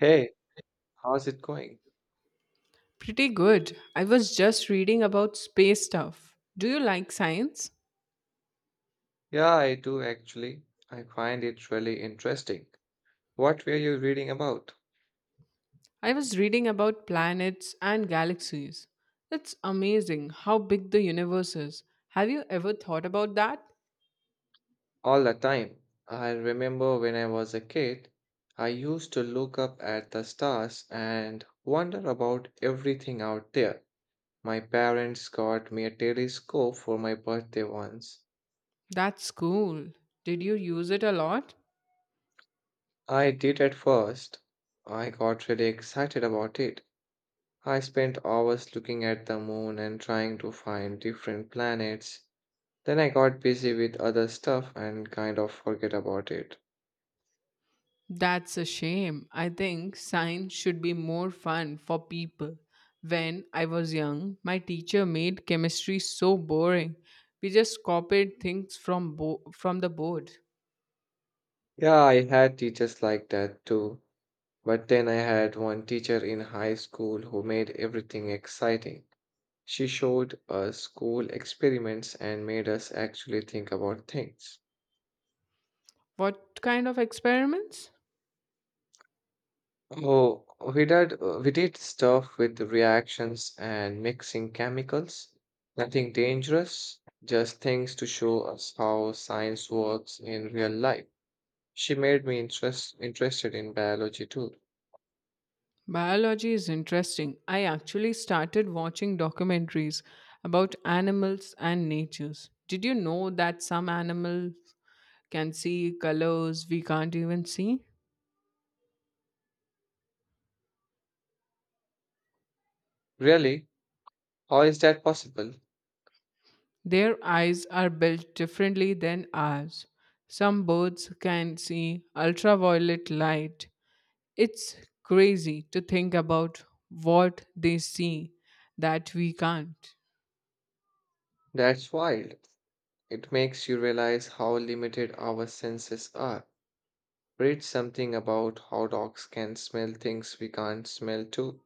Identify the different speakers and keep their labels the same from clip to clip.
Speaker 1: Hey, how's it going?
Speaker 2: Pretty good. I was just reading about space stuff. Do you like science?
Speaker 1: Yeah, I do actually. I find it really interesting. What were you reading about?
Speaker 2: I was reading about planets and galaxies. It's amazing how big the universe is. Have you ever thought about that?
Speaker 1: All the time. I remember when I was a kid, I used to look up at the stars and wonder about everything out there. My parents got me a telescope for my birthday once.
Speaker 2: That's cool. Did you use it a lot?
Speaker 1: I did at first. I got really excited about it. I spent hours looking at the moon and trying to find different planets. Then I got busy with other stuff and kind of forget about it.
Speaker 2: That's a shame. I think science should be more fun for people. When I was young, my teacher made chemistry so boring. We just copied things from the board.
Speaker 1: Yeah, I had teachers like that too. But then I had one teacher in high school who made everything exciting. She showed us school experiments and made us actually think about things.
Speaker 2: What kind of experiments?
Speaker 1: Oh, we did stuff with the reactions and mixing chemicals. Nothing dangerous, just things to show us how science works in real life. She made me interested in biology too.
Speaker 2: Biology is interesting. I actually started watching documentaries about animals and natures. Did you know that some animals can see colors we can't even see?
Speaker 1: Really? How is that possible?
Speaker 2: Their eyes are built differently than ours. Some birds can see ultraviolet light. It's crazy to think about what they see that we can't.
Speaker 1: That's wild. It makes you realize how limited our senses are. Read something about how dogs can smell things we can't smell too.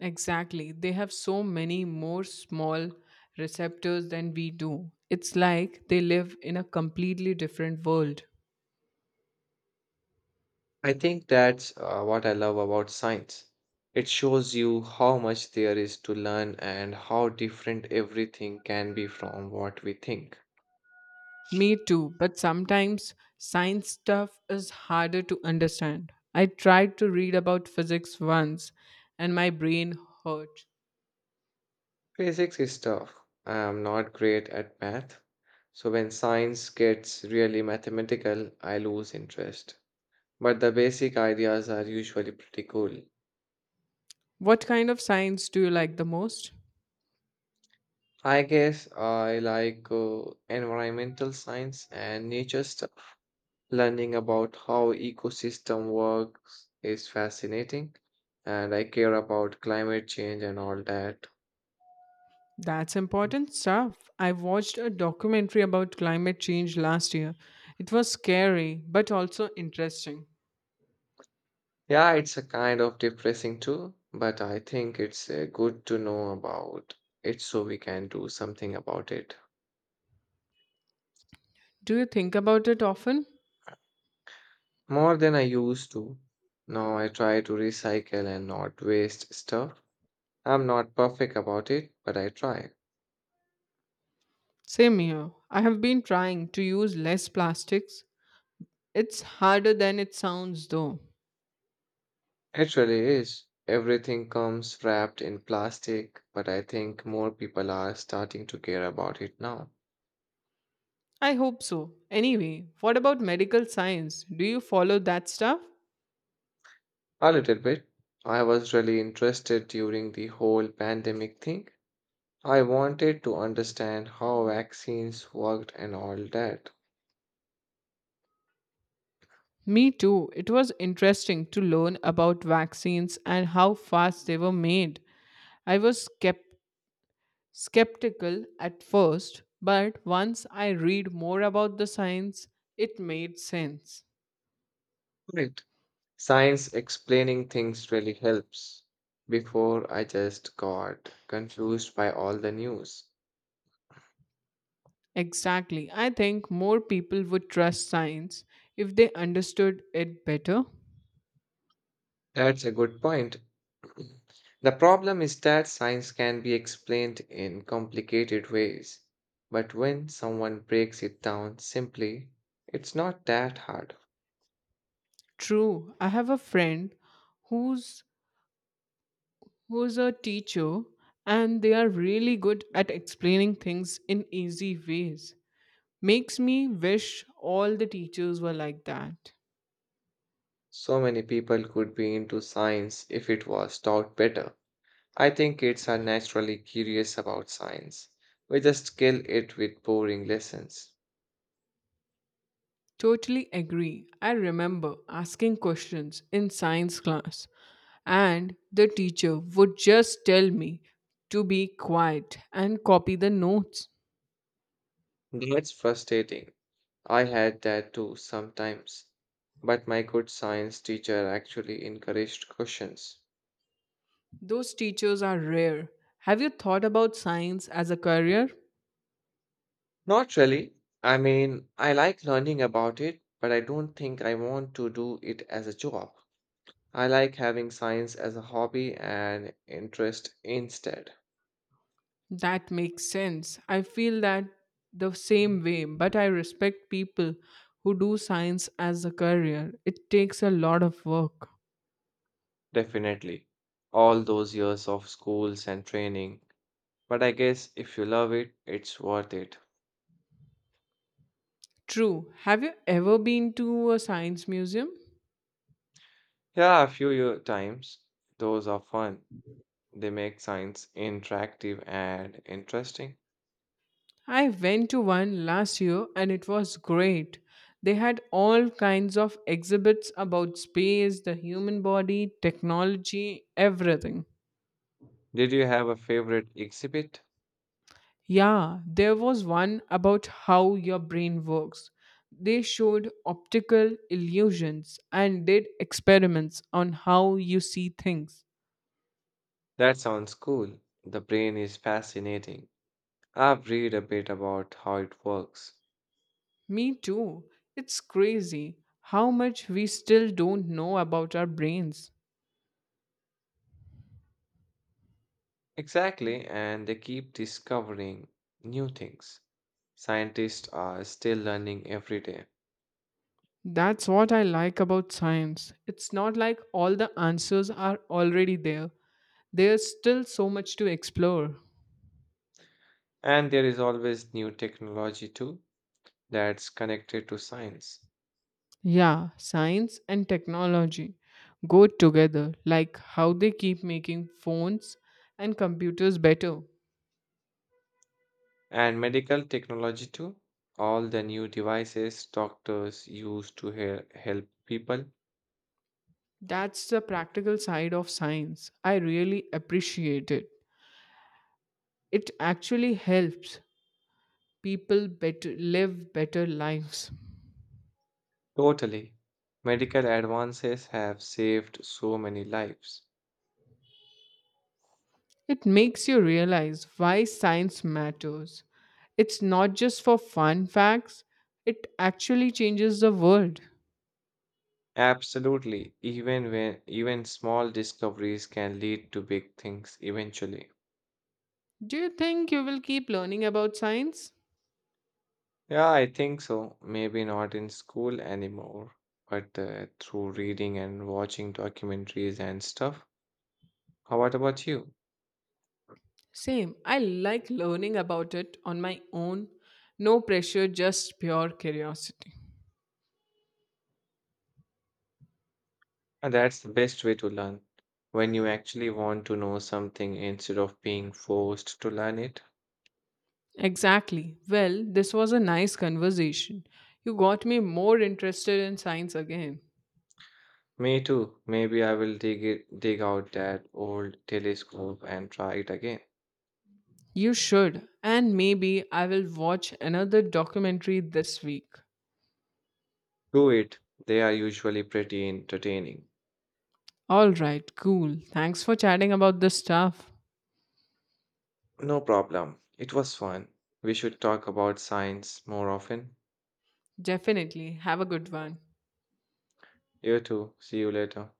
Speaker 2: Exactly. They have so many more small receptors than we do. It's like they live in a completely different world.
Speaker 1: I think that's what I love about science. It shows you how much there is to learn and how different everything can be from what we think.
Speaker 2: Me too, but sometimes science stuff is harder to understand. I tried to read about physics once and my brain hurt.
Speaker 1: Physics is tough. I am not great at math, so when science gets really mathematical, I lose interest. But the basic ideas are usually pretty cool.
Speaker 2: What kind of science do you like the most?
Speaker 1: I guess I like environmental science and nature stuff. Learning about how ecosystem works is fascinating, and I care about climate change and all that.
Speaker 2: That's important stuff. I watched a documentary about climate change last year. It was scary, but also interesting.
Speaker 1: Yeah, it's a kind of depressing too, but I think it's good to know about it so we can do something about it.
Speaker 2: Do you think about it often?
Speaker 1: More than I used to. Now I try to recycle and not waste stuff. I'm not perfect about it, but I try.
Speaker 2: Same here. I have been trying to use less plastics. It's harder than it sounds, though.
Speaker 1: It really is. Everything comes wrapped in plastic, but I think more people are starting to care about it now.
Speaker 2: I hope so. Anyway, what about medical science? Do you follow that stuff?
Speaker 1: A little bit. I was really interested during the whole pandemic thing. I wanted to understand how vaccines worked and all that.
Speaker 2: Me too. It was interesting to learn about vaccines and how fast they were made. I was skept- skeptical at first, but once I read more about the science, it made sense.
Speaker 1: Right. Science explaining things really helps. Before, I just got confused by all the news.
Speaker 2: Exactly. I think more people would trust science if they understood it better.
Speaker 1: That's a good point. The problem is that science can be explained in complicated ways, but when someone breaks it down simply, it's not that hard.
Speaker 2: True. I have a friend who's who's a teacher and they are really good at explaining things in easy ways. Makes me wish all the teachers were like that.
Speaker 1: So many people could be into science if it was taught better. I think kids are naturally curious about science. We just kill it with boring lessons.
Speaker 2: Totally agree. I remember asking questions in science class and the teacher would just tell me to be quiet and copy the notes.
Speaker 1: That's frustrating. I had that too sometimes. But my good science teacher actually encouraged questions.
Speaker 2: Those teachers are rare. Have you thought about science as a career?
Speaker 1: Not really. I mean, I like learning about it, but I don't think I want to do it as a job. I like having science as a hobby and interest instead.
Speaker 2: That makes sense. I feel that the
Speaker 1: Mhm.
Speaker 2: same way, but I respect people who do science as a career. It takes a lot of work.
Speaker 1: Definitely. All those years of schools and training. But I guess if you love it, it's worth it.
Speaker 2: True. Have you ever been to a science museum?
Speaker 1: Yeah, a few year times. Those are fun. They make science interactive and interesting.
Speaker 2: I went to one last year and it was great. They had all kinds of exhibits about space, the human body, technology, everything.
Speaker 1: Did you have a favorite exhibit?
Speaker 2: Yeah, there was one about how your brain works. They showed optical illusions and did experiments on how you see things.
Speaker 1: That sounds cool. The brain is fascinating. I've read a bit about how it works.
Speaker 2: Me too. It's crazy how much we still don't know about our brains.
Speaker 1: Exactly, and they keep discovering new things. Scientists are still learning every day.
Speaker 2: That's what I like about science. It's not like all the answers are already there, there's still so much to explore.
Speaker 1: And there is always new technology too that's connected to science.
Speaker 2: Yeah, science and technology go together, like how they keep making phones and computers better.
Speaker 1: And medical technology too. All the new devices doctors use to help people.
Speaker 2: That's the practical side of science. I really appreciate it. It actually helps people better live better lives.
Speaker 1: Totally. Medical advances have saved so many lives.
Speaker 2: It makes you realize why science matters. It's not just for fun facts, it actually changes the world.
Speaker 1: Absolutely. Even small discoveries can lead to big things eventually.
Speaker 2: Do you think you will keep learning about science?
Speaker 1: Yeah, I think so. Maybe not in school anymore, but through reading and watching documentaries and stuff. How what about you?
Speaker 2: Same. I like learning about it on my own. No pressure, just pure curiosity.
Speaker 1: And that's the best way to learn when you actually want to know something instead of being forced to learn it.
Speaker 2: Exactly. Well, this was a nice conversation. You got me more interested in science again.
Speaker 1: Me too. Maybe I will dig out that old telescope and try it again.
Speaker 2: You should. And maybe I will watch another documentary this week.
Speaker 1: Do it. They are usually pretty entertaining.
Speaker 2: All right, cool. Thanks for chatting about this stuff.
Speaker 1: No problem. It was fun. We should talk about science more often.
Speaker 2: Definitely. Have a good one.
Speaker 1: You too. See you later.